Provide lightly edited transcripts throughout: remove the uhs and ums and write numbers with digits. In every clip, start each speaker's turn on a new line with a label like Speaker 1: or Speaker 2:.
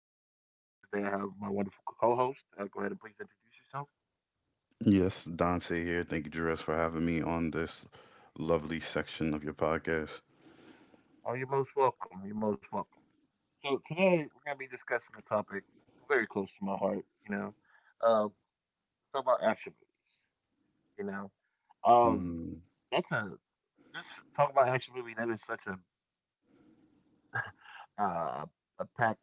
Speaker 1: name is Jerez. Today I have my wonderful co host. Go ahead and please introduce yourself.
Speaker 2: Yes, Dante here. Thank you, Jerez, for having me on this lovely section of your podcast.
Speaker 1: Oh, you're most welcome. You're most welcome. So, today we're going to be discussing a topic very close to my heart, you know, uh, talk about action movie, you know. Um,
Speaker 2: Mm-hmm.
Speaker 1: that's a, just Talk about action movie, that is such uh, a packed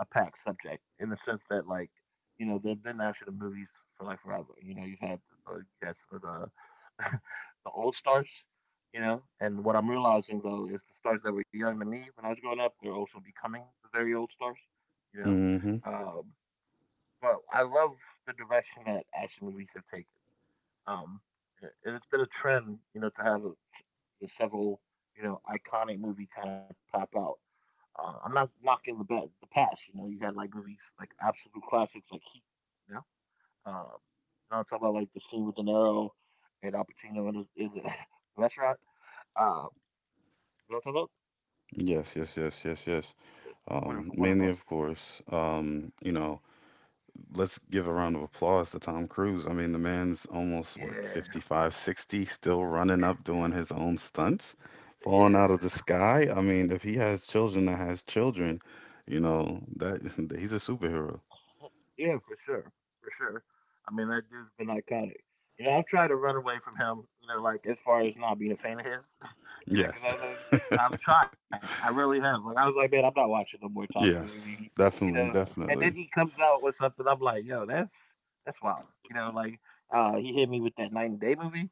Speaker 1: a packed subject in the sense that, like, you know, they've been after the movies for like forever. You know, you've had you had some of the the old stars, you know. And what I'm realizing though is the stars that were young to me when I was growing up, they're also becoming the very old stars, you know.
Speaker 2: Mm-hmm.
Speaker 1: Um, but I love the direction that action movies have taken. Um, and it's been a trend, you know, to have a, several, you know, iconic movie kind of pop out. I'm not knocking the, the past. You know, you had like movies like absolute classics like Heat. You know, you know, I'm talking about like the scene with De Niro and Al Pacino in the restaurant. Uh, you know what I'm talking about?
Speaker 2: Yes, yes, yes, yes, yes.
Speaker 1: Wonderful,
Speaker 2: Mainly,
Speaker 1: wonderful.
Speaker 2: of course, let's give a round of applause to Tom Cruise. I mean, the man's almost, what,
Speaker 1: Yeah,
Speaker 2: 55, 60, still running up, doing his own stunts, falling out of the
Speaker 1: yeah,
Speaker 2: sky. I mean, if he has children that has children, you know, that he's a superhero.
Speaker 1: yeah, for sure, for sure. I mean, that dude's been iconic. You know, I've tried to run away from him. You know, like as far as not being a fan of his. You know, because
Speaker 2: Yes.
Speaker 1: I was, always, I've tried. I really have. Like I was like, man, I'm not watching no more Tom Cruise
Speaker 2: Yes,
Speaker 1: movie. You
Speaker 2: definitely,
Speaker 1: know, and
Speaker 2: definitely.
Speaker 1: then he comes out with something. I'm like, yo, that's wild. You know, like, he hit me with that Night and Day movie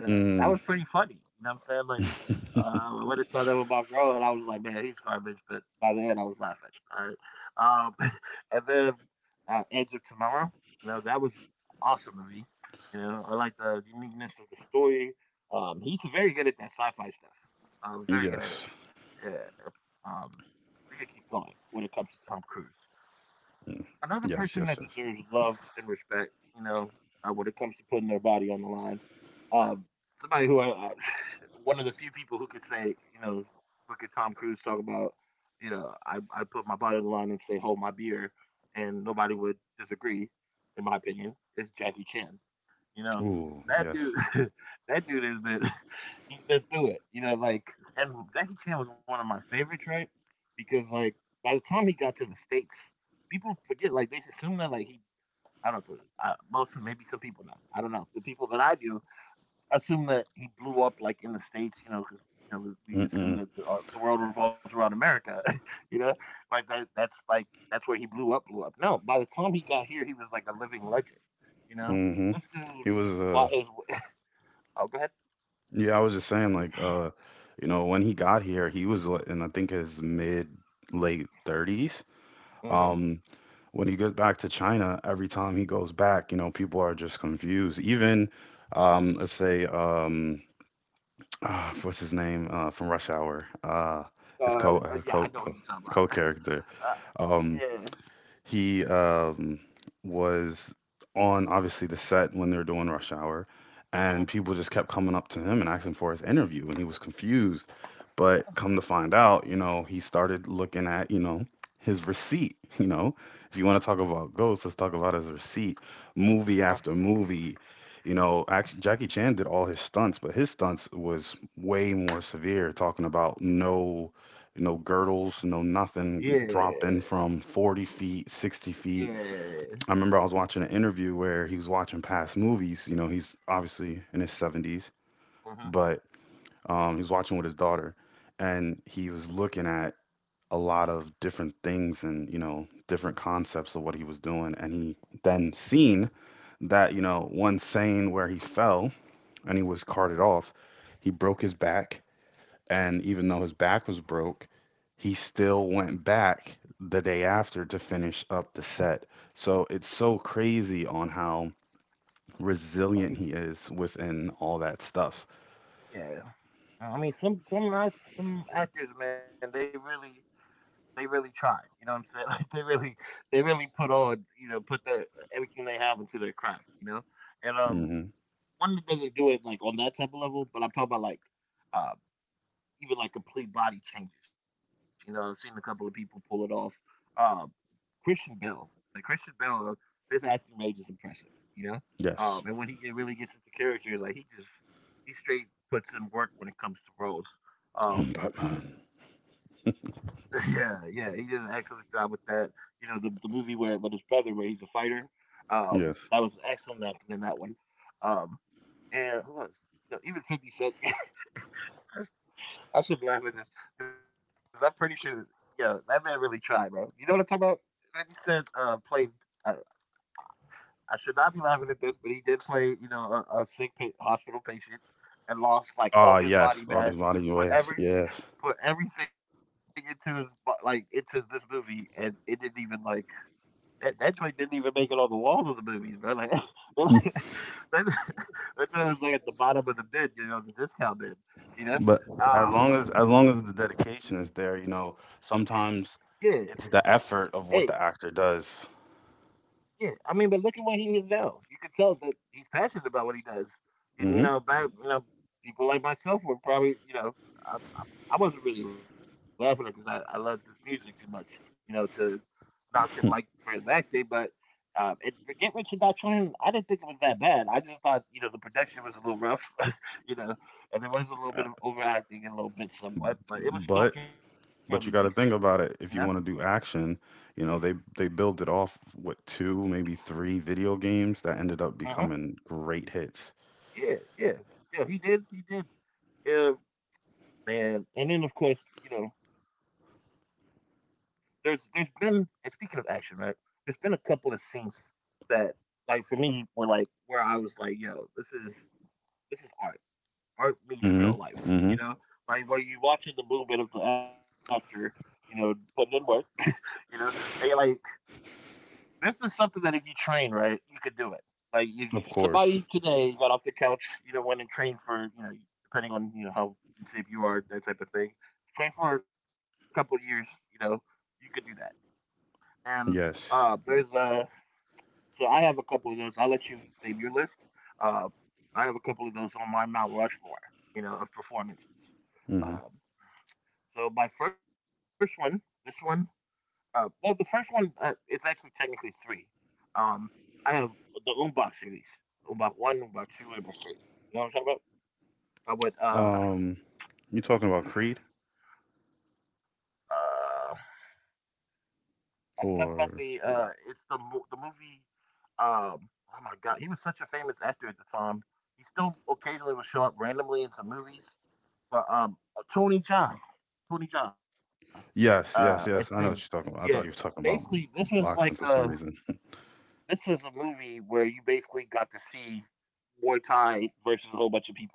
Speaker 1: and that
Speaker 2: Mm-hmm.
Speaker 1: was pretty funny. You know what I'm saying? Like, when I saw that with my girl, and I was like, man, he's garbage. But by the end, I was laughing. All right. Um, and then Edge of Tomorrow, you know, that was awesome movie. You know, I like the uniqueness of the story. He's very good at that sci-fi stuff. Very good at it.
Speaker 2: Yes.
Speaker 1: Yeah. Um, we can keep going when it comes to Tom Cruise.
Speaker 2: Mm.
Speaker 1: Another
Speaker 2: Yes,
Speaker 1: person that
Speaker 2: yes, yes.
Speaker 1: deserves love and respect, you know, when it comes to putting their body on the line. Um, somebody who I, one of the few people who could say, you know, look at Tom Cruise, talk about, you know, I put my body on the line and say, hold my beer, and nobody would disagree, in my opinion, is Jackie Chan. You know,
Speaker 2: Ooh,
Speaker 1: that dude,
Speaker 2: yes.
Speaker 1: that dude has been, he's been through it. You know, like, and Jackie Chan was one of my favorites, right? Because like, by the time he got to the states, people forget. Like, they assume that like he, I don't know, most maybe some people know. I don't know. The people that I do assume that he blew up like in the states, you know, because, you know, we assume
Speaker 2: Mm-mm.
Speaker 1: that the world revolves around America, you know, like that. That's like that's where he blew up, blew up. No, by the time he got here, he was like a living legend, you know.
Speaker 2: Mm-hmm.
Speaker 1: This dude
Speaker 2: He was
Speaker 1: fought his. Oh, go ahead.
Speaker 2: Yeah, I was just saying like, you know, when he got here, he was like, in I think his mid late 30s.
Speaker 1: Mm-hmm.
Speaker 2: Um when he goes back to China, every time he goes back, you know, people are just confused. Even let's say what's his name from Rush Hour?
Speaker 1: Uh, uh, yeah, I
Speaker 2: His
Speaker 1: know who
Speaker 2: co
Speaker 1: you're
Speaker 2: co
Speaker 1: talking about.
Speaker 2: co-character.
Speaker 1: Uh,
Speaker 2: Um
Speaker 1: yeah.
Speaker 2: He was on obviously the set when they were doing Rush Hour, and
Speaker 1: Mhm.
Speaker 2: people just kept coming up to him and asking for his interview, and he was confused. But come to find out, you know, he started looking at, you know, his receipt. You know, if you want to talk about ghosts, let's talk about his receipt. Movie
Speaker 1: Uh-huh.
Speaker 2: after movie, you know, actually Jackie Chan did all his stunts, but his stunts was way more severe, talking about no girdles, no nothing, dropping
Speaker 1: Yeah.
Speaker 2: from 40 feet, 60 feet.
Speaker 1: Yeah.
Speaker 2: I remember I was watching an interview where he was watching past movies. You know, he's obviously in his 70s,
Speaker 1: Mm-hmm.
Speaker 2: but he was watching with his daughter and he was looking at a lot of different things and, you know, different concepts of what he was doing. And he then seen that, you know, one scene where he fell and he was carted off, he broke his back, and even though his back was broke, he still went back the day after to finish up the set. So it's so crazy on how resilient
Speaker 1: Uh,
Speaker 2: he is within all that stuff.
Speaker 1: Yeah. I mean, some some actors, man, they really tried. You know what I'm saying? Like they really put on, you know, put their everything they have into their craft, you know? And
Speaker 2: Hmm
Speaker 1: Wonder doesn't do it like on that type of level, but I'm talking about like, uh even like complete body changes. You know, I've seen a couple of people pull it off. Um Christian Bale, like Christian Bale, his acting range is impressive, you know? And
Speaker 2: Yes.
Speaker 1: when he really gets into characters, like he just he straight puts in work when it comes to roles. Um
Speaker 2: I'm Batman.
Speaker 1: Yeah, yeah, he did an excellent job with that. You know, the movie where with his brother, where he's a fighter, um, that
Speaker 2: Yes.
Speaker 1: was excellent acting in that one. Um, and who else? You know, even Fifty Cent. I should laugh at this because I'm pretty sure, yeah, that man really tried, bro. You know what I'm talking about? Fifty Cent played, uh, I should not be laughing at this, but he did play, you know, a sick hospital patient and lost like all
Speaker 2: Ah,
Speaker 1: his body
Speaker 2: yes. All
Speaker 1: mass,
Speaker 2: this body,
Speaker 1: put
Speaker 2: yes,
Speaker 1: every
Speaker 2: yes.
Speaker 1: put everything into his into this movie, and it didn't even like that joint didn't even make it on the walls of the movies, bro. Like that, that joint was like at the bottom of the bin, you know, the discount bin, you know.
Speaker 2: But,
Speaker 1: Uh,
Speaker 2: as long as the dedication is there, you know,
Speaker 1: yeah.
Speaker 2: sometimes it's the
Speaker 1: Hey.
Speaker 2: effort of what the actor does.
Speaker 1: Yeah, I mean, but look at what he is now. You can tell that he's passionate about what he does. And you know,
Speaker 2: Hmm
Speaker 1: by you know, people like myself were probably, you know, I, I, I wasn't really laughing because I loved his music too much, you know, to knock him like for his acting. But and Get Rich or Die Trying, I didn't think it was that bad. I just thought, you know, the production was a little rough, you know, and there was a little bit of overacting and a little bit somewhat, but it was still
Speaker 2: But
Speaker 1: fairly decent,
Speaker 2: But you got to
Speaker 1: you
Speaker 2: think
Speaker 1: know.
Speaker 2: about it. If you want to do action, you know, they built it off what two, maybe three video games that ended
Speaker 1: Uh
Speaker 2: up
Speaker 1: huh.
Speaker 2: becoming great hits.
Speaker 1: Yeah, yeah, yeah. He did, he did. Yeah. Man, and then of course, you know, there's been and speaking of action, right? There's been a couple of scenes that like for me were like where I was like, yo, this is art. Art meets real
Speaker 2: Mm-hmm.
Speaker 1: life, you
Speaker 2: Mm-hmm.
Speaker 1: know? Like where you watching the movement of the actor, you know, putting in work, you know, and you're like this is something that if you train, right, you could do it. Like if you,
Speaker 2: Of
Speaker 1: somebody
Speaker 2: course.
Speaker 1: today got off their couch, you know, went and trained for, you know, depending on you know how in shape you are, that type of thing, trained for a couple of years, you know, you could do that. And
Speaker 2: Yes.
Speaker 1: there's so I have a couple of those. I'll let you name your list. Uh, I have a couple of those on my Mount Rushmore, you know, of performances.
Speaker 2: Mm-hmm.
Speaker 1: Um, so my first one, this one, well, the first one, it's actually technically three. Um, I have the Umbach series, Umbach one, Umbach two, and Umbach three. You know what I'm talking about? I would.
Speaker 2: Um, you talking about Creed
Speaker 1: Uh, I'm talking about the.
Speaker 2: or?
Speaker 1: It's the the movie. Um, oh my god, he was such a famous actor at the time. He still occasionally would show up randomly in some movies, but Tony John, Tony John, it's
Speaker 2: Yes,
Speaker 1: him.
Speaker 2: yes, yes. I know what
Speaker 1: Yeah,
Speaker 2: you're talking about. I thought you were
Speaker 1: basically,
Speaker 2: talking
Speaker 1: this
Speaker 2: about
Speaker 1: was like a
Speaker 2: boxing for some reason.
Speaker 1: this was a movie where you basically got to see Muay Thai versus a whole bunch of people.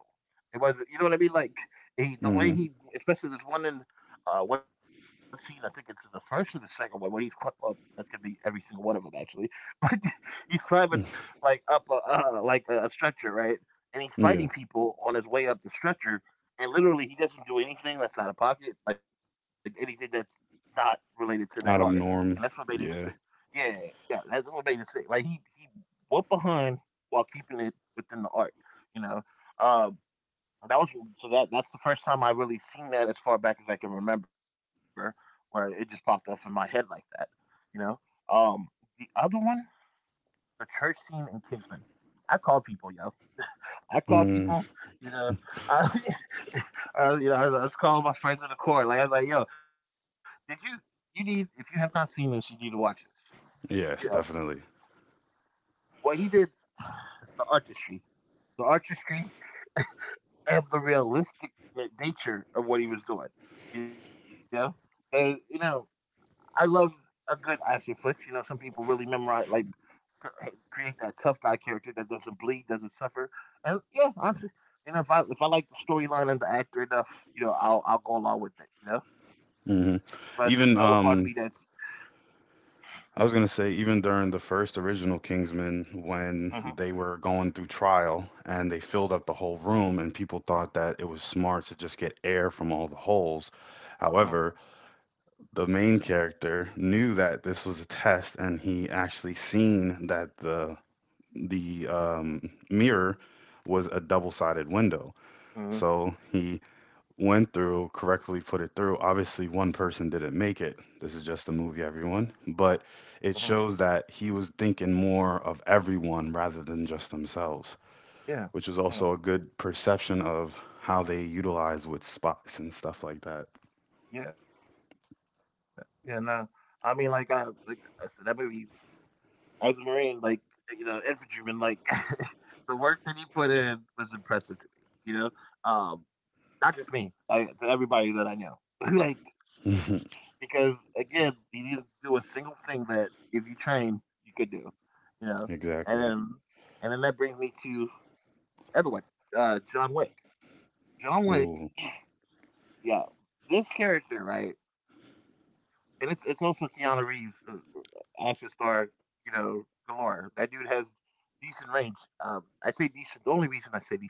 Speaker 1: It was, you know what I mean? Like he, the way
Speaker 2: Mm-hmm.
Speaker 1: he, especially this one in one scene, I think it's in the first or the second one where he's up. That could be every single one of them actually, but he's climbing like up a a stretcher, right? And he's fighting
Speaker 2: Yeah.
Speaker 1: people on his way up the stretcher, and literally he doesn't do anything that's out of pocket, like anything that's not related to that art,
Speaker 2: Out
Speaker 1: and
Speaker 2: of
Speaker 1: that's what made him
Speaker 2: norm.
Speaker 1: sick.
Speaker 2: Yeah.
Speaker 1: Yeah, yeah, that's what made him sick. Like he whooped behind while keeping it within the art, you know. Um, that was so that that's the first time I really seen that as far back as I can remember, where it just popped off in my head like that, you know. Um, the other one, the church scene in Kingsman. I call people, yo. I call people,
Speaker 2: Mm.
Speaker 1: you know. I, you know, I was calling my friends in the court. Like I was like, yo, did you you need if you have not seen this, you need to watch this. You know
Speaker 2: Yes, definitely.
Speaker 1: what he did, the artistry, the artistry of the realistic nature of what he was doing, you know? And, you know, I love a good action flick. You know, some people really memorize, like, create that tough guy character that doesn't bleed, doesn't suffer. And yeah, you know, if I like the storyline and the actor enough, you know, I'll go along with it, you know? But there's
Speaker 2: Hmm
Speaker 1: still a part of me
Speaker 2: Even
Speaker 1: that's—
Speaker 2: I was gonna say, even during the first original Kingsman, when
Speaker 1: uh-huh,
Speaker 2: they were going through trial and they filled up the whole room, and people thought that it was smart to just get air from all the holes.
Speaker 1: uh-huh,
Speaker 2: However, the main character knew that this was a test, and he actually seen that the mirror was a double-sided window.
Speaker 1: uh-huh,
Speaker 2: So he went through, correctly put it through. Obviously, one person didn't make it. This is just a movie, everyone. But it
Speaker 1: uh-huh.
Speaker 2: shows that he was thinking more of everyone rather than just themselves,
Speaker 1: Yeah,
Speaker 2: which was
Speaker 1: yeah,
Speaker 2: also a good perception of how they utilize with spots and stuff like that.
Speaker 1: yeah, yeah. No, I mean, like I said, that movie. As a Marine, like infantryman, like the work that he put in was impressive to me. You know, um, not just me, like to everybody that I know. Like, because again, he didn't do a single thing that if you train you could do. You know, and then
Speaker 2: Exactly.
Speaker 1: and then that brings me to everyone, John Wick. John Wick,
Speaker 2: Ooh.
Speaker 1: yeah, this character, right? And it's also Keanu Reeves, action star, you know, galore. That dude has decent range. I say decent. The only reason I say decent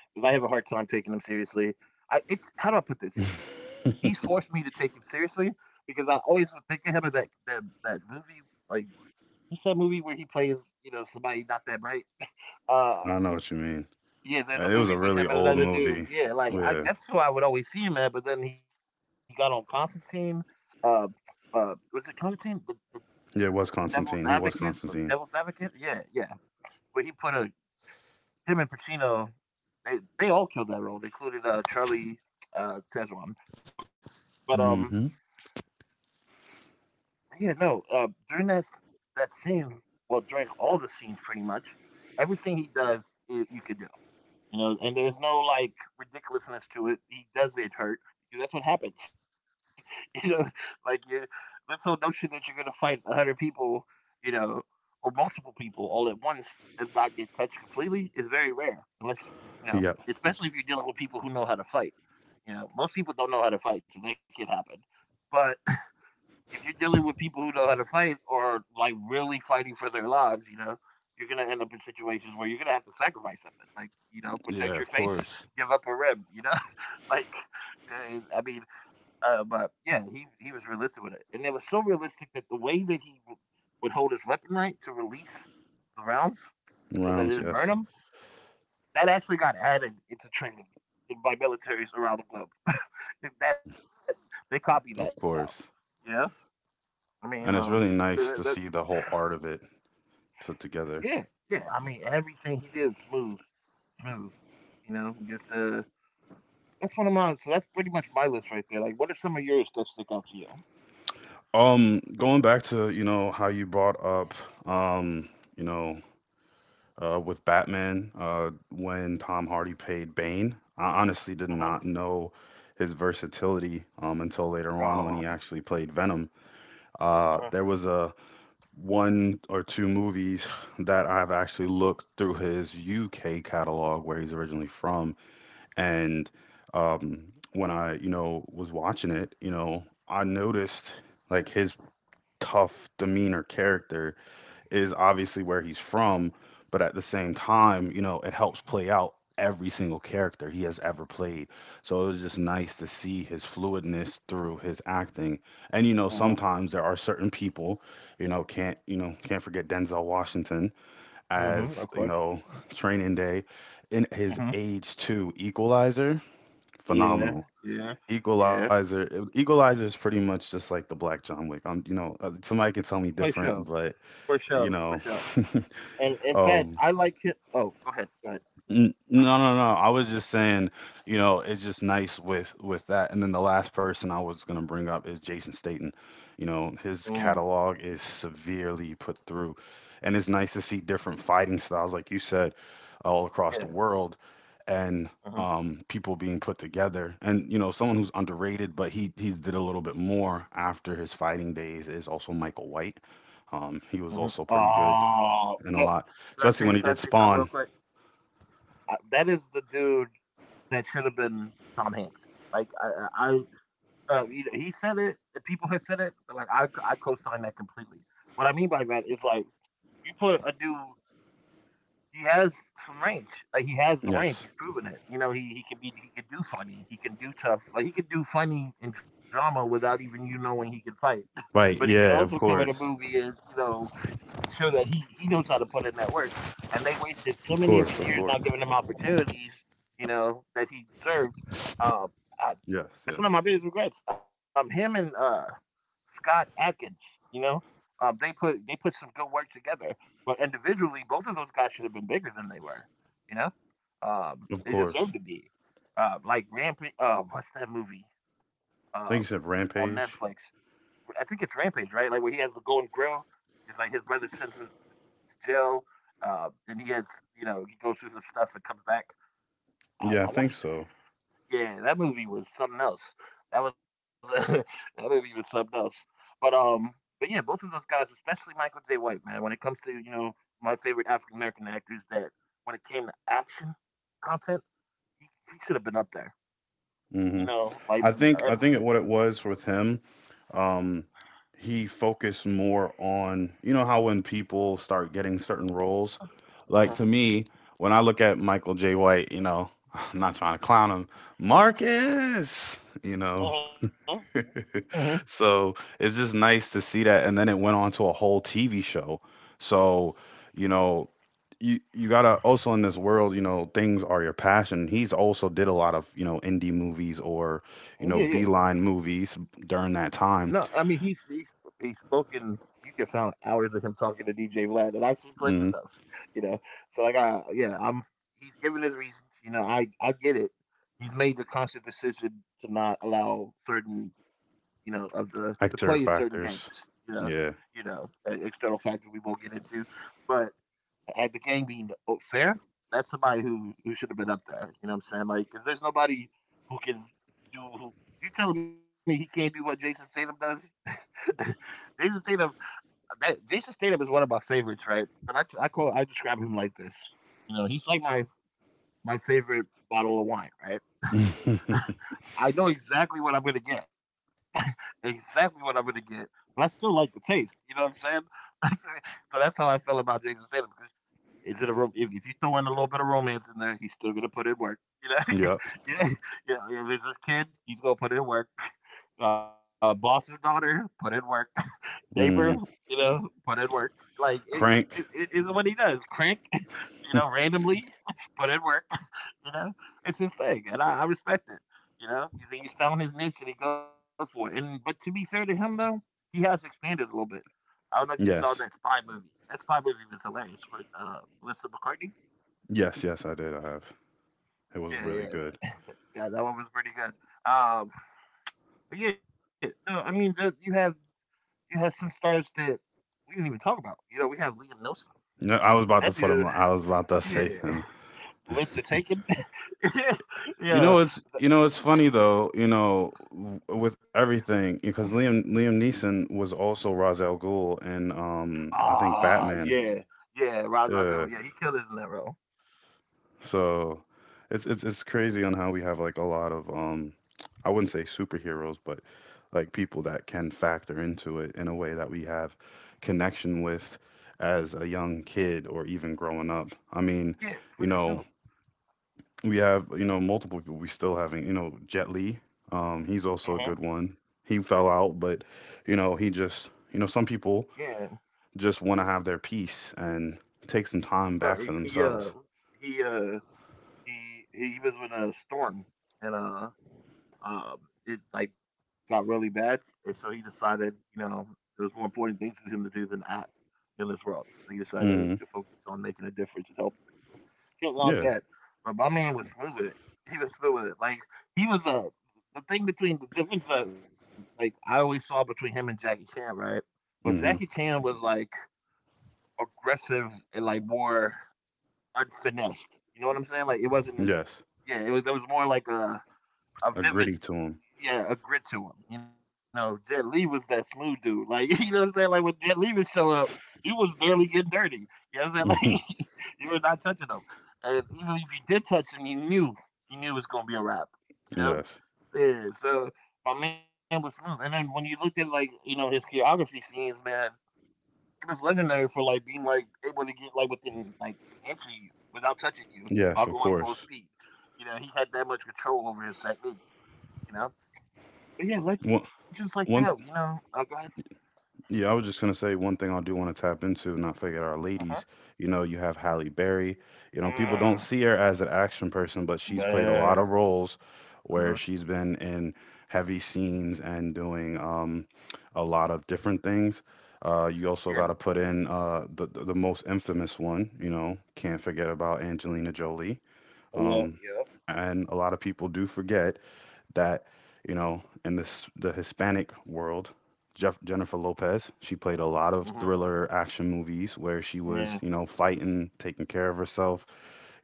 Speaker 1: is I have a hard time taking him seriously. I, it's how do I put this?
Speaker 2: I
Speaker 1: He's forced me to take him seriously because I always was thinking him of that movie, like, what's that movie where he plays, you know, somebody not that bright. Uh,
Speaker 2: know what you mean.
Speaker 1: yeah, there's
Speaker 2: It
Speaker 1: a
Speaker 2: was a
Speaker 1: movie with
Speaker 2: really
Speaker 1: him and
Speaker 2: old
Speaker 1: another dude.
Speaker 2: movie.
Speaker 1: Yeah, like I,
Speaker 2: Yeah.
Speaker 1: that's who I would always see him at. But then he got on Constantine. Uh, was it Constantine? The
Speaker 2: Yeah, it
Speaker 1: the
Speaker 2: was
Speaker 1: Devil's
Speaker 2: Constantine. He
Speaker 1: Advocate,
Speaker 2: was
Speaker 1: or the Devil's
Speaker 2: Constantine.
Speaker 1: Advocate. Yeah, yeah. Where he put a him and Pacino. They all killed that role, including Charlie, Tezwan. But
Speaker 2: Hmm
Speaker 1: yeah, no. During that scene, well, during all the scenes, pretty much everything he does, I you could do. You know, and there's no like ridiculousness to it. He does get hurt, because that's what happens. You know, like you, this whole notion that you're gonna fight a hundred people, you know, or multiple people all at once and not get touched completely is very rare. Unless, you know,
Speaker 2: Yep.
Speaker 1: especially if you're dealing with people who know how to fight. You know, most people don't know how to fight, so that can happen. But if you're dealing with people who know how to fight or like really fighting for their lives, you know, you're gonna end up in situations where you're gonna have to sacrifice something, like, you know,
Speaker 2: Yeah,
Speaker 1: protect
Speaker 2: of
Speaker 1: your face,
Speaker 2: course.
Speaker 1: give up a rib, you know, like, eh, I mean, but yeah, he was realistic with it, and it was so realistic that the way that he would hold his weapon right to release the rounds so that it
Speaker 2: Rounds,
Speaker 1: didn't burn
Speaker 2: yes.
Speaker 1: him, that actually got added into training by militaries around the globe. And that they copy that now,
Speaker 2: Of course.
Speaker 1: yeah. I mean,
Speaker 2: And
Speaker 1: so
Speaker 2: it's really
Speaker 1: that
Speaker 2: nice to see the whole art of it put
Speaker 1: yeah,
Speaker 2: together.
Speaker 1: yeah. I mean, everything he did was smooth, smooth. You know, just that's one of mine. So that's pretty much my list right there. Like, what are some of yours that stick out to you?
Speaker 2: Going back to, you know, how you brought up, um, you know, with Batman, when Tom Hardy played Bane, I honestly did
Speaker 1: Uh-huh.
Speaker 2: not know his versatility, until later on when
Speaker 1: Oh,
Speaker 2: he actually played Venom.
Speaker 1: uh-huh.
Speaker 2: There was a one or two movies that I've actually looked through his UK catalog where he's originally from. And um, when I, you know, was watching it, you know, I noticed like his tough demeanor character is obviously where he's from, but at the same time, you know, it helps play out every single character he has ever played. So it was just nice to see his fluidness through his acting. And you know,
Speaker 1: Uh-huh.
Speaker 2: sometimes there are certain people, you know, can't forget Denzel Washington
Speaker 1: Mm-hmm,
Speaker 2: as,
Speaker 1: of
Speaker 2: you
Speaker 1: course.
Speaker 2: know, Training Day in his
Speaker 1: Uh-huh.
Speaker 2: age 2 equalizer
Speaker 1: Yeah,
Speaker 2: phenomenal.
Speaker 1: yeah, yeah.
Speaker 2: Equalizer, Equalizer is pretty much just like the Black John Wick. I'm, you know, somebody can
Speaker 1: Y-
Speaker 2: tell
Speaker 1: y-
Speaker 2: me
Speaker 1: for
Speaker 2: different,
Speaker 1: sure,
Speaker 2: but
Speaker 1: for
Speaker 2: you
Speaker 1: sure, for
Speaker 2: know,
Speaker 1: sure. And in fact,
Speaker 2: um,
Speaker 1: I like him. Oh, go ahead, go ahead.
Speaker 2: N- No, no, no. I was just saying, you know, it's just nice with that. And then the last person I was gonna bring up is Jason Statham. You know, his
Speaker 1: Mm,
Speaker 2: catalog is severely put through, and it's nice to see different fighting styles, like you said, all across the
Speaker 1: yeah.
Speaker 2: world, and
Speaker 1: Uh-huh.
Speaker 2: people being put together. And you know, someone who's underrated, but he he's did a little bit more after his fighting days is also Michael White. He was
Speaker 1: Uh-huh.
Speaker 2: also pretty good
Speaker 1: Oh,
Speaker 2: in a
Speaker 1: that,
Speaker 2: lot,
Speaker 1: can I
Speaker 2: especially
Speaker 1: say?
Speaker 2: when he
Speaker 1: Can I
Speaker 2: did
Speaker 1: say something real
Speaker 2: Spawn.
Speaker 1: quick? That is the dude that should have been Tom Hanks. Like I you know, he said it. The people have said it. But like I co-sign that completely. What I mean by that is like you put a dude. He has some range. Like he has the range.
Speaker 2: Yes.
Speaker 1: He's proven it. You know, he can do funny. He can do tough. Like he can do funny and drama without even you knowing he can fight. But
Speaker 2: Right.
Speaker 1: he can
Speaker 2: Yeah.
Speaker 1: also
Speaker 2: Of
Speaker 1: come in a
Speaker 2: course.
Speaker 1: movie and you know so that he knows how to put in that work. And they wasted
Speaker 2: Of
Speaker 1: so
Speaker 2: course.
Speaker 1: many of his
Speaker 2: Of course.
Speaker 1: years not giving him opportunities, you know, that he deserved. Uh, I,
Speaker 2: Yes. Yes.
Speaker 1: that's one of my biggest regrets. Him and Scott Atkins, you know, they put some good work together, but individually, both of those guys should have been bigger than they were. You know,
Speaker 2: Of
Speaker 1: they
Speaker 2: course.
Speaker 1: deserve to be. Like Rampage. What's that movie? Um,
Speaker 2: I think you said
Speaker 1: on Netflix.
Speaker 2: Rampage.
Speaker 1: I think it's Rampage, right? Like where he has the golden grill. It's like his brother sends him jail, and he has, you know, he goes through some stuff and comes back.
Speaker 2: Yeah, I
Speaker 1: I want
Speaker 2: think
Speaker 1: to say,
Speaker 2: so.
Speaker 1: yeah, that movie was something else. That was that movie was something else. But um, but yeah, both of those guys, especially Michael J. White, man. When it comes to, you know, my favorite African American actors, that when it came to action content, he, he should have been up there.
Speaker 2: Hmm
Speaker 1: You know, like,
Speaker 2: I think
Speaker 1: uh
Speaker 2: I think it, what it was with him, um, he focused more on you know how when people start getting certain roles,
Speaker 1: uh
Speaker 2: like to me when I look at Michael J. White, you know, I'm not trying to clown him, Marcus, you know.
Speaker 1: huh, hmm,
Speaker 2: So it's just nice to see that. And then it went on to a whole TV show. So, you know, you gotta also in this world, you know, things are your passion. He's also did a lot of, you know, indie movies or, you know,
Speaker 1: yeah, yeah.
Speaker 2: beeline movies during that
Speaker 1: No, I mean
Speaker 2: time.
Speaker 1: he's spoken. You can find hours of him talking to DJ Vlad, and I've seen plenty of
Speaker 2: Hmm
Speaker 1: those. You know, so like I, yeah, I'm he's given his reasons. You know, I get it. He's made the conscious decision to not allow certain you know of the to play in certain
Speaker 2: Actor
Speaker 1: games. You
Speaker 2: factors.
Speaker 1: know,
Speaker 2: Yeah.
Speaker 1: external factors we won't get into, but and the game being fair, that's somebody who should have been up there. You know what I'm saying? Like, 'cause there's nobody who can do. Who, you telling me he can't do what Jason Statham does? Jason Statham, that, Jason Statham is one of my favorites, right? But I call, I describe him like this. You know, he's like my favorite bottle of wine, right? I know exactly what I'm gonna get, exactly what I'm gonna get, but I still like the taste. You know what I'm saying? So that's how I felt about Jason Statham. Is it a if you throw in a little bit of romance in there, he's still gonna put in work. You know,
Speaker 2: Yep.
Speaker 1: yeah, yeah. If it's his kid, he's gonna put in work. Boss's daughter, put in work, neighbor,
Speaker 2: hmm
Speaker 1: you know, put in work. Like
Speaker 2: Crank.
Speaker 1: it is what he does. Crank, you know, randomly put in work. You know, it's his thing, and I respect it. You know, he's found his niche and he goes for it. And but to be fair to him though, he has expanded a little bit. I don't know if you saw that
Speaker 2: Yes.
Speaker 1: spy movie. That spy movie was hilarious with Melissa McCarthy.
Speaker 2: Yes, yes, I did. I have. It was
Speaker 1: Yeah, yeah,
Speaker 2: really good.
Speaker 1: that, yeah. That one was pretty good. Um, but yeah, no, I mean, you have some stars that we didn't even talk about. You know, we have Liam Neeson.
Speaker 2: No, I was
Speaker 1: That
Speaker 2: about to put
Speaker 1: dude,
Speaker 2: him. I was about to
Speaker 1: yeah.
Speaker 2: say.
Speaker 1: What's the taken? Yeah.
Speaker 2: You know, it's funny though. You know, w- with everything because Liam Neeson was also Ra's al Ghul and I think
Speaker 1: Ah,
Speaker 2: Batman.
Speaker 1: yeah. Yeah, Ra's al
Speaker 2: Uh,
Speaker 1: Ghul. Yeah, he killed his in that role.
Speaker 2: so it's it's crazy on how we have like a lot of I wouldn't say superheroes, but like people that can factor into it in a way that we have connection with as a young kid or even growing up. I
Speaker 1: Yeah,
Speaker 2: mean,
Speaker 1: for sure.
Speaker 2: you know, we have, you know, multiple people we still having, you know, Jet Li. He's also a good
Speaker 1: Uh-huh.
Speaker 2: one. He fell out, but you know, he just, you know, some people
Speaker 1: Yeah.
Speaker 2: just want to have their peace and take some time back for
Speaker 1: No,
Speaker 2: themselves.
Speaker 1: he uh he was with a storm and um it like got really bad, and so he decided, you know, there was more important things for him to do than act in this world. So you
Speaker 2: Hmm
Speaker 1: decided to focus on making a difference and helping people. Can't knock
Speaker 2: Yeah.
Speaker 1: that. But my man was through with it. He was through with it. Like he was a the thing between the difference that like I always saw between him and Jackie Chan, right? But Jackie
Speaker 2: hmm
Speaker 1: Chan was like aggressive and like more unfinessed. You know what I'm saying? Like it wasn't as,
Speaker 2: Yes.
Speaker 1: yeah, it was there was more like
Speaker 2: A
Speaker 1: a
Speaker 2: gritty
Speaker 1: vivid,
Speaker 2: to him.
Speaker 1: yeah, a grit to him. You know, Jet Lee was that smooth dude. Like, you know what I'm saying? Like when Jet Lee would show up, you was barely getting dirty. You know what I'm saying? Like you were not touching him. And even if you did touch him, you knew it was gonna be a wrap. You know?
Speaker 2: Yes.
Speaker 1: Yeah. So my man was smooth. And then when you looked at like, you know, his choreography scenes, man, he was legendary for like being like able to get like within like an inch of you without touching you
Speaker 2: Yes,
Speaker 1: while
Speaker 2: of
Speaker 1: going full
Speaker 2: course.
Speaker 1: speed. You know, he had that much control over his technique, you know? But yeah, legends
Speaker 2: One,
Speaker 1: like that, you know.
Speaker 2: one
Speaker 1: I got
Speaker 2: Yeah, I was just gonna say one thing I do want to tap into, not forget our
Speaker 1: uh huh.
Speaker 2: ladies. You know, you have Halle Berry. You know, people don't
Speaker 1: Mm,
Speaker 2: see her as an action person, but she's played a lot
Speaker 1: man.
Speaker 2: of roles where
Speaker 1: Mhm.
Speaker 2: she's been in heavy scenes and doing a lot of different things.
Speaker 1: Yeah.
Speaker 2: You also got to put in the most infamous one. You know, can't forget about Angelina Jolie.
Speaker 1: Yeah.
Speaker 2: Um,
Speaker 1: Yeah.
Speaker 2: and a lot of people do forget that, you know, in this the Hispanic world, Jeff, Jennifer Lopez, she played a
Speaker 1: Uh
Speaker 2: lot
Speaker 1: huh.
Speaker 2: of thriller action movies where she
Speaker 1: Yeah.
Speaker 2: was, you know, fighting, taking care of herself.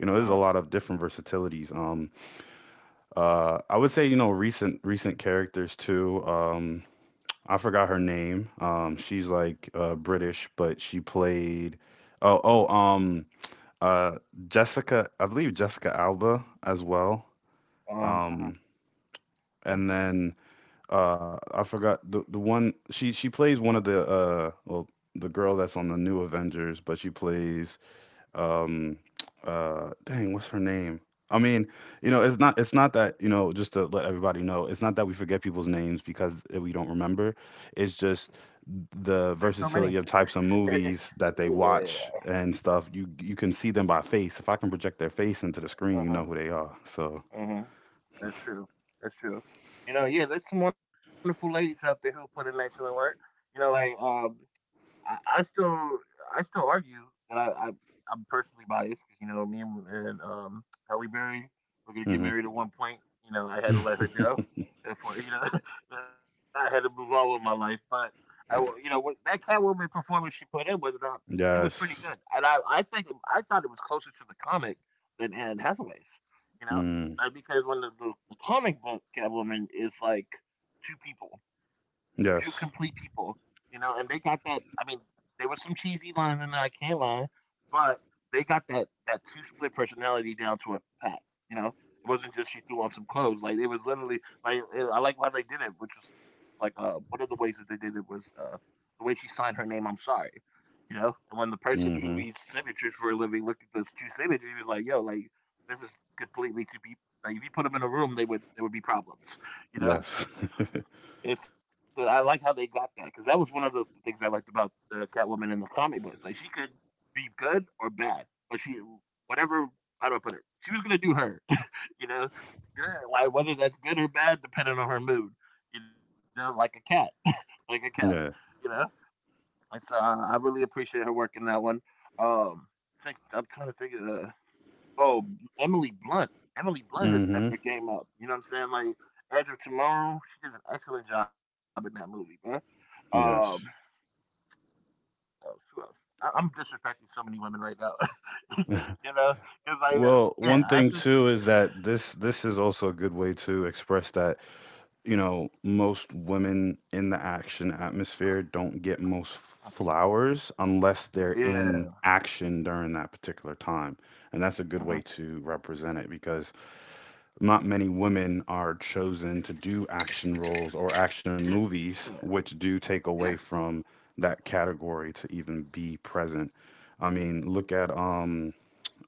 Speaker 2: You know,
Speaker 1: Uh
Speaker 2: there's a
Speaker 1: huh.
Speaker 2: lot of different versatilities. I would say, you know, recent characters too. I forgot her name. She's like British, but she played. Oh, oh, um, uh, Jessica. I believe Jessica Alba as well.
Speaker 1: Uh-huh. There's,
Speaker 2: And then I forgot the one she plays one of the well the girl that's on the new Avengers, but she plays um dang, what's her name? I mean, you know, it's not that you know just to let everybody know, it's not that we forget people's names because we don't remember. It's just
Speaker 1: there's so
Speaker 2: the
Speaker 1: many.
Speaker 2: versatility of types of movies that they
Speaker 1: Yeah.
Speaker 2: watch and stuff. You can see them by face. If I can project their face into the screen,
Speaker 1: Uh
Speaker 2: you know
Speaker 1: huh.
Speaker 2: who they are. So.
Speaker 1: Uh-huh. That's true. That's true. You know. Yeah. There's some wonderful ladies out there who put in excellent work. You know, like, um. I, I still I still argue that I'm personally biased because you know me and, um, Halle Berry were gonna get
Speaker 2: Hmm
Speaker 1: married at one point. You know, I had to let her go, and for you know I had to move on with my life. But I will- you know what that Catwoman performance she put in was not it was pretty
Speaker 2: Yes.
Speaker 1: good, and I think I thought it was closer to the comic than Anne Hathaway's. You know,
Speaker 2: Mm.
Speaker 1: like because when the comic book Catwoman is like two people, two complete people,
Speaker 2: Yes.
Speaker 1: you know, and they got that. I mean, there was some cheesy lines in there, I can't lie, but they got that two split personality down to a pat. You know, it wasn't just she threw on some clothes. Like it was literally like it, I like how they did it, which is like one of the ways that they did it was the way she signed her name. I'm sorry. You know, and when the person who
Speaker 2: Mm-hmm.
Speaker 1: reads signatures for a living looked at those two signatures, he was like, "Yo, like this is completely to be like if you put them in a room, they would there would be problems." You
Speaker 2: Yes.
Speaker 1: know, it's I like how they got that because that was one of the things I liked about Catwoman in the comic books. Like she could be good or bad, but she whatever, how do I put it? She was gonna do her, you know. Good, like whether that's good or bad, depending on her mood, you know, like a cat, like a cat, you
Speaker 2: Yeah.
Speaker 1: know. I really appreciate her work in that one. Um, I'm trying to think of the Oh, Emily Blunt. Emily Blunt has stepped
Speaker 2: Mm-hmm.
Speaker 1: her game up. You know what I'm saying? Like Edge of Tomorrow, she did an excellent job in that movie, man. Um,
Speaker 2: Yes.
Speaker 1: who else? Who else? I'm disrespecting so many women right now. You know, because like,
Speaker 2: Well,
Speaker 1: yeah,
Speaker 2: one
Speaker 1: I should.
Speaker 2: thing too is that this is also a good way to express that, you know, most women in the action atmosphere don't get
Speaker 1: uh,
Speaker 2: most flowers unless they're
Speaker 1: Yeah.
Speaker 2: in action during that particular time. And that's a good
Speaker 1: Uh-huh.
Speaker 2: way to represent it because not many women are chosen to do action roles or action
Speaker 1: Yeah.
Speaker 2: movies, which do
Speaker 1: Yeah.
Speaker 2: take away from that category to even be present. I mean, look at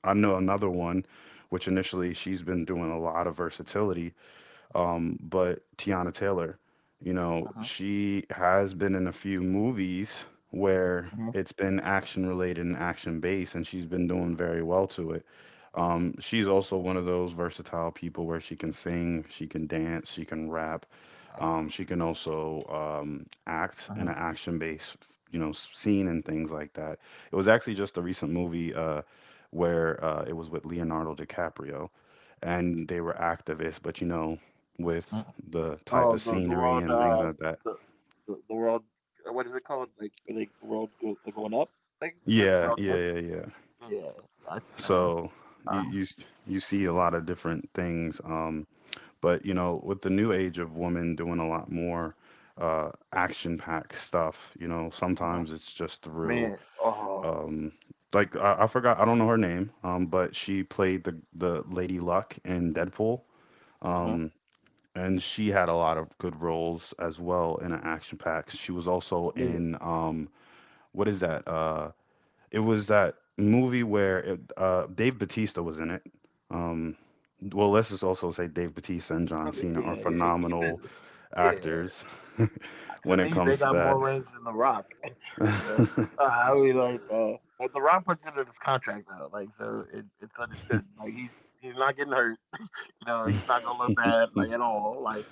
Speaker 2: I know another one, which initially she's been doing a lot of versatility, but Tiana Taylor, you know,
Speaker 1: Uh-huh.
Speaker 2: she has been in a few movies where
Speaker 1: Uh-huh.
Speaker 2: it's been action related and action based, and she's been doing very well to it. She's also one of those versatile people where she can sing, she can dance, she can rap. She
Speaker 1: Uh,
Speaker 2: can also act in
Speaker 1: uh-huh.
Speaker 2: an action-based, you know, scene and things like that. It was actually just a recent movie where it was with Leonardo DiCaprio, and they were activists. But you know, with
Speaker 1: uh
Speaker 2: the type
Speaker 1: Oh,
Speaker 2: of
Speaker 1: the
Speaker 2: scenery
Speaker 1: world.
Speaker 2: and things like that.
Speaker 1: The, the world. What is it called? Like, where they, the world go, going up thing, where the
Speaker 2: Yeah,
Speaker 1: world
Speaker 2: yeah,
Speaker 1: ends.
Speaker 2: yeah, yeah.
Speaker 1: Yeah, I seen that one.
Speaker 2: So you
Speaker 1: Uh,
Speaker 2: you s- you see a lot of different things, but you know, with the new age of women doing a lot more action-packed stuff, you know,
Speaker 1: uh-huh.
Speaker 2: sometimes it's just through
Speaker 1: Man, oh,
Speaker 2: um, I forgot, I don't know her name, but she played the Lady Luck in Deadpool,
Speaker 1: uh-huh.
Speaker 2: um, and she had a lot of good roles as well in an action pack. She was also
Speaker 1: Man,
Speaker 2: in what is that? It was that movie where Dave Batista was in it. Um, well, let's just also say Dave Batista and John Cena
Speaker 1: yeah,
Speaker 2: are
Speaker 1: yeah.
Speaker 2: phenomenal
Speaker 1: Yeah.
Speaker 2: actors
Speaker 1: To
Speaker 2: when it
Speaker 1: me, they
Speaker 2: comes
Speaker 1: got more
Speaker 2: to
Speaker 1: range than The Rock. You know,
Speaker 2: that.
Speaker 1: I mean, like The Rock puts it in his contract though, like, so it's understood. Like, he's not getting hurt. You know, he's not gonna look bad, like at all. Like,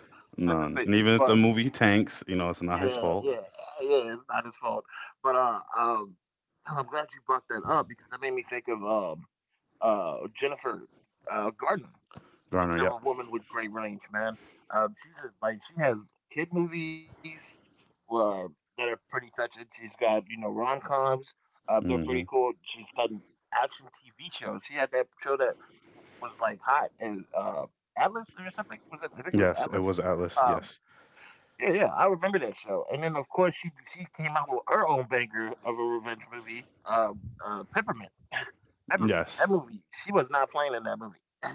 Speaker 1: that's the
Speaker 2: None.
Speaker 1: thing.
Speaker 2: And even if
Speaker 1: But
Speaker 2: the movie tanks, you know, it's not his
Speaker 1: yeah,
Speaker 2: fault.
Speaker 1: yeah, yeah. It's not his fault. But I'm glad you brought that up because that made me think of Jennifer Gardner.
Speaker 2: Garner,
Speaker 1: Speaking of
Speaker 2: yep.
Speaker 1: a woman with great range, man, like she has kid movies uh, that are pretty touching. She's got you know rom coms. They're pretty
Speaker 2: hmm
Speaker 1: cool. She's done action TV shows. She had that show that was like hot and Atlas or something. Was it? I think it was
Speaker 2: Yes, it
Speaker 1: Atlas.
Speaker 2: was Atlas.
Speaker 1: Um,
Speaker 2: Yes.
Speaker 1: yeah, yeah, I remember that show. And then of course she came out with her own banger of a revenge movie, Peppermint. Peppermint. That
Speaker 2: Yes.
Speaker 1: movie, she was not playing in that movie.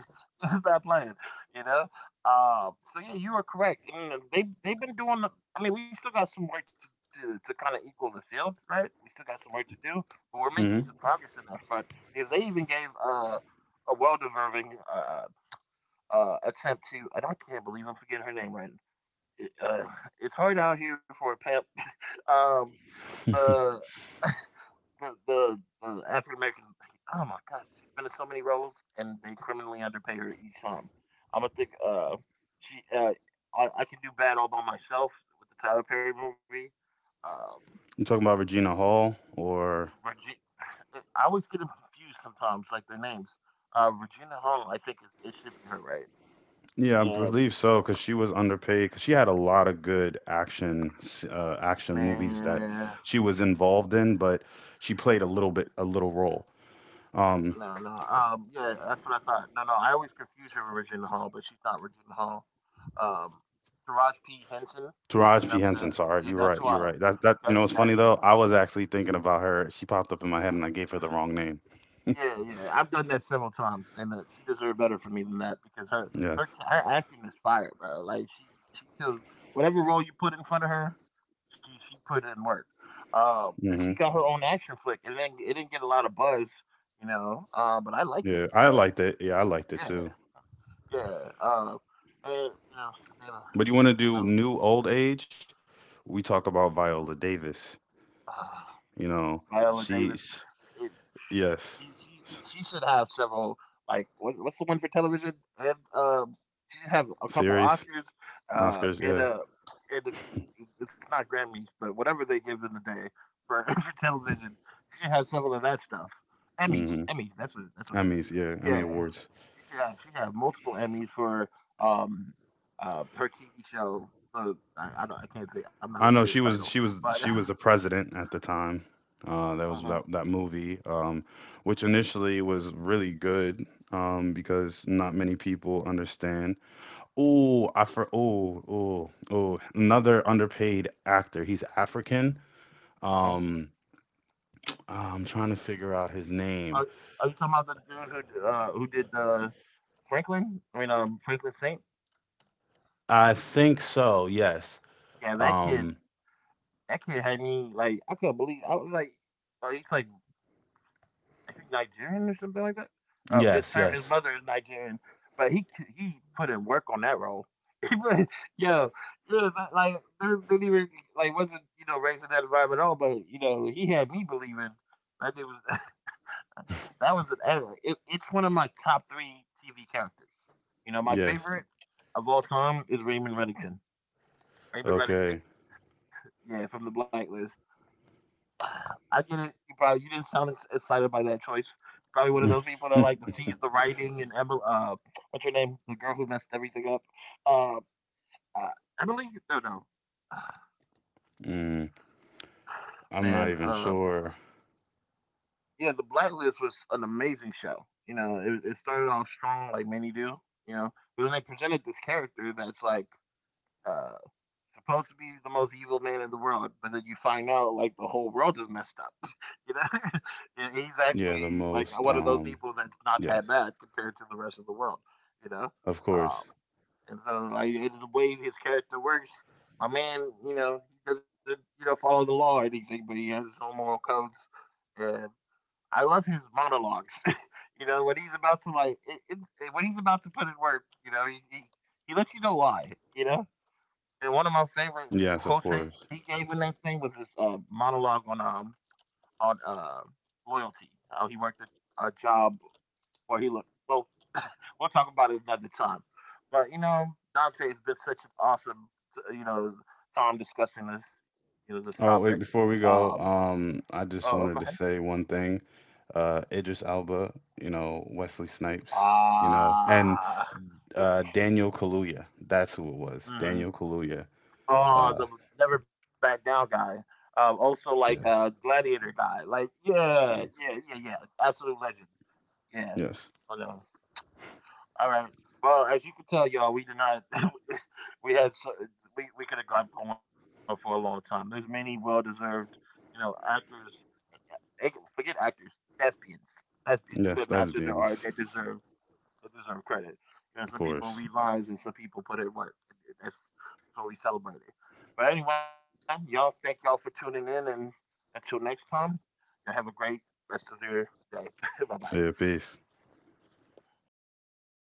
Speaker 1: She's not playing, you know. So yeah, you are correct. I mean, they they've been doing. The- I mean, we still got some work to kind of equal the field, right? We still got some work to do, but we're making some
Speaker 2: hmm
Speaker 1: progress in that front because they even gave a well deserving attempt to. And I can't believe I'm forgetting her name right. It, it's hard out here for a pimp. Um,
Speaker 2: You
Speaker 1: the the the, the African American. Oh my gosh, she's been in so many roles, and they criminally underpay her each time. I'm gonna think. She. I can do bad all by myself with the Tyler Perry movie. Uh,
Speaker 2: talking about Regina Hall or
Speaker 1: Regi- I always get them confused sometimes, like their names. Regina Hung, I think it should be her, right?
Speaker 2: Yeah, I
Speaker 1: Uh,
Speaker 2: believe so, because she was underpaid. 'Cause she had a lot of good action, action movies
Speaker 1: man.
Speaker 2: that she was involved in, but she played a little bit, a little role. Um,
Speaker 1: No, no. Yeah, that's what I thought. No, no. I always confuse her with Regina Hall, but she's not Regina Hall. Um, Taraj P. Henson.
Speaker 2: Taraji
Speaker 1: You
Speaker 2: P.
Speaker 1: know what I'm
Speaker 2: Henson.
Speaker 1: saying?
Speaker 2: Sorry, you're
Speaker 1: Yeah,
Speaker 2: right.
Speaker 1: that's who
Speaker 2: You're right.
Speaker 1: I.
Speaker 2: That you know,
Speaker 1: That's
Speaker 2: it's
Speaker 1: who.
Speaker 2: funny
Speaker 1: That's who.
Speaker 2: though. I was actually thinking about her. She popped up in my head, and I gave her the wrong name.
Speaker 1: Yeah, yeah. I've done that several times, and she deserved better for me than that because her
Speaker 2: Yeah.
Speaker 1: her her acting is fire, bro. Like she kills whatever role you put in front of her. She put in work. And she
Speaker 2: hmm
Speaker 1: got her own action flick, and then it didn't get a lot of buzz, you know. But I liked
Speaker 2: Yeah,
Speaker 1: it.
Speaker 2: I
Speaker 1: I,
Speaker 2: liked it. Yeah, I liked it
Speaker 1: yeah,
Speaker 2: too.
Speaker 1: yeah, and you know, Shayla,
Speaker 2: But you want to do
Speaker 1: Shayla,
Speaker 2: new old age? We talk about Viola Davis.
Speaker 1: uh,
Speaker 2: You know,
Speaker 1: Viola
Speaker 2: she.
Speaker 1: Davis.
Speaker 2: sh-
Speaker 1: It,
Speaker 2: Yes.
Speaker 1: she
Speaker 2: S-
Speaker 1: she should have several. Like what, what's the one for television? And she should have a couple
Speaker 2: Series.
Speaker 1: Oscars. Uh,
Speaker 2: Oscars,
Speaker 1: and
Speaker 2: yeah.
Speaker 1: uh, and the, it's not Grammys, but whatever they give in the day for for television, she should have several of that stuff. Emmys,
Speaker 2: hmm
Speaker 1: Emmys. That's what it is.
Speaker 2: Emmys, yeah. Emmy
Speaker 1: Yeah,
Speaker 2: Awards.
Speaker 1: she should have multiple Emmys for um her TV show. I can't say I'm not
Speaker 2: I
Speaker 1: gonna
Speaker 2: know
Speaker 1: say the
Speaker 2: she was
Speaker 1: title,
Speaker 2: she was
Speaker 1: but
Speaker 2: she was the president at the time. That was
Speaker 1: huh
Speaker 2: that movie, which initially was really good because not many people understand. Oh, I for oh, another underpaid actor. He's African.
Speaker 1: uh
Speaker 2: Um, I'm trying to figure out his name.
Speaker 1: Are, are you talking about the dude who did the Franklin? I mean, Franklin Saint.
Speaker 2: I think so. Yes.
Speaker 1: Yeah, that kid.
Speaker 2: Um,
Speaker 1: That kid had me like I couldn't believe. I was like, he's like I think Nigerian or something like that.
Speaker 2: yes.
Speaker 1: His
Speaker 2: Yes.
Speaker 1: mother is Nigerian, but he put in work on that role. He put, yo, yeah, but, like there didn't even like wasn't you know raised in that environment at all. But you know he had me believing that it was that was an, it's one of my top three TV characters. You know, my
Speaker 2: Yes.
Speaker 1: favorite of all time is Raymond Reddington. Raymond Reddington,
Speaker 2: Okay.
Speaker 1: yeah, from the Blacklist. I get it. You probably you didn't sound excited by that choice. You're probably one of those people that like to seize the writing and Emily. What's her name? The girl who messed everything up. Uh, uh Emily? No, no.
Speaker 2: Mm. I'm
Speaker 1: Man,
Speaker 2: not even sure.
Speaker 1: yeah, the Blacklist was an amazing show. You know, it started off strong like many do. You know, but then they presented this character that's like uh, supposed to be the most evil man in the world, but then you find out like the whole world is
Speaker 2: Yeah,
Speaker 1: messed
Speaker 2: the
Speaker 1: up.
Speaker 2: most.
Speaker 1: You know, and he's
Speaker 2: Yes,
Speaker 1: actually like one of those people that's not that bad
Speaker 2: of
Speaker 1: compared to the
Speaker 2: course.
Speaker 1: rest of the world. You know, um, and so like and the way his character works, my man, you know, he doesn't you know follow the law or anything, but he has his own moral codes, and I love his monologues. You know, when he's about to like when he's about to put in work, you know, he lets you know why. You know, and one of my favorite
Speaker 2: Yes, of
Speaker 1: quotes that he
Speaker 2: course.
Speaker 1: gave in that thing was his monologue on on uh loyalty. How he worked a job where he looked well. We'll talk about it another time. But you know, Dante's been such an awesome you know time discussing this you know this topic.
Speaker 2: Oh, wait, before we
Speaker 1: Um.
Speaker 2: go, I
Speaker 1: Oh, oh,
Speaker 2: just
Speaker 1: go ahead.
Speaker 2: wanted to say one thing. Idris Elba, you know, Wesley Snipes, you know, and
Speaker 1: Ah.
Speaker 2: Daniel Kaluuya. That's who it was. Daniel
Speaker 1: Hmm.
Speaker 2: Kaluuya. Uh,
Speaker 1: Oh, the never back down guy. Also like
Speaker 2: yes,
Speaker 1: gladiator guy. Like yeah,
Speaker 2: yes,
Speaker 1: yeah, yeah, yeah. Absolute legend. Yeah.
Speaker 2: yes,
Speaker 1: I know. All right. Well, as you can tell, y'all, we did not. we had so, we could have gone going for a long time. There's many well-deserved, you know, actors. eh, eh, Forget actors, thespians,
Speaker 2: yes.
Speaker 1: thespians who
Speaker 2: That's
Speaker 1: have mastered
Speaker 2: Beans,
Speaker 1: their art that deserve credit.
Speaker 2: of
Speaker 1: You know,
Speaker 2: course.
Speaker 1: some people read lines and some people put in work. That's what we celebrate. But anyway, y'all, thank y'all for tuning in, and until next time, y'all have a great rest of your day.
Speaker 2: Say
Speaker 1: Bye
Speaker 2: it,
Speaker 1: bye.
Speaker 2: peace.
Speaker 1: Okay.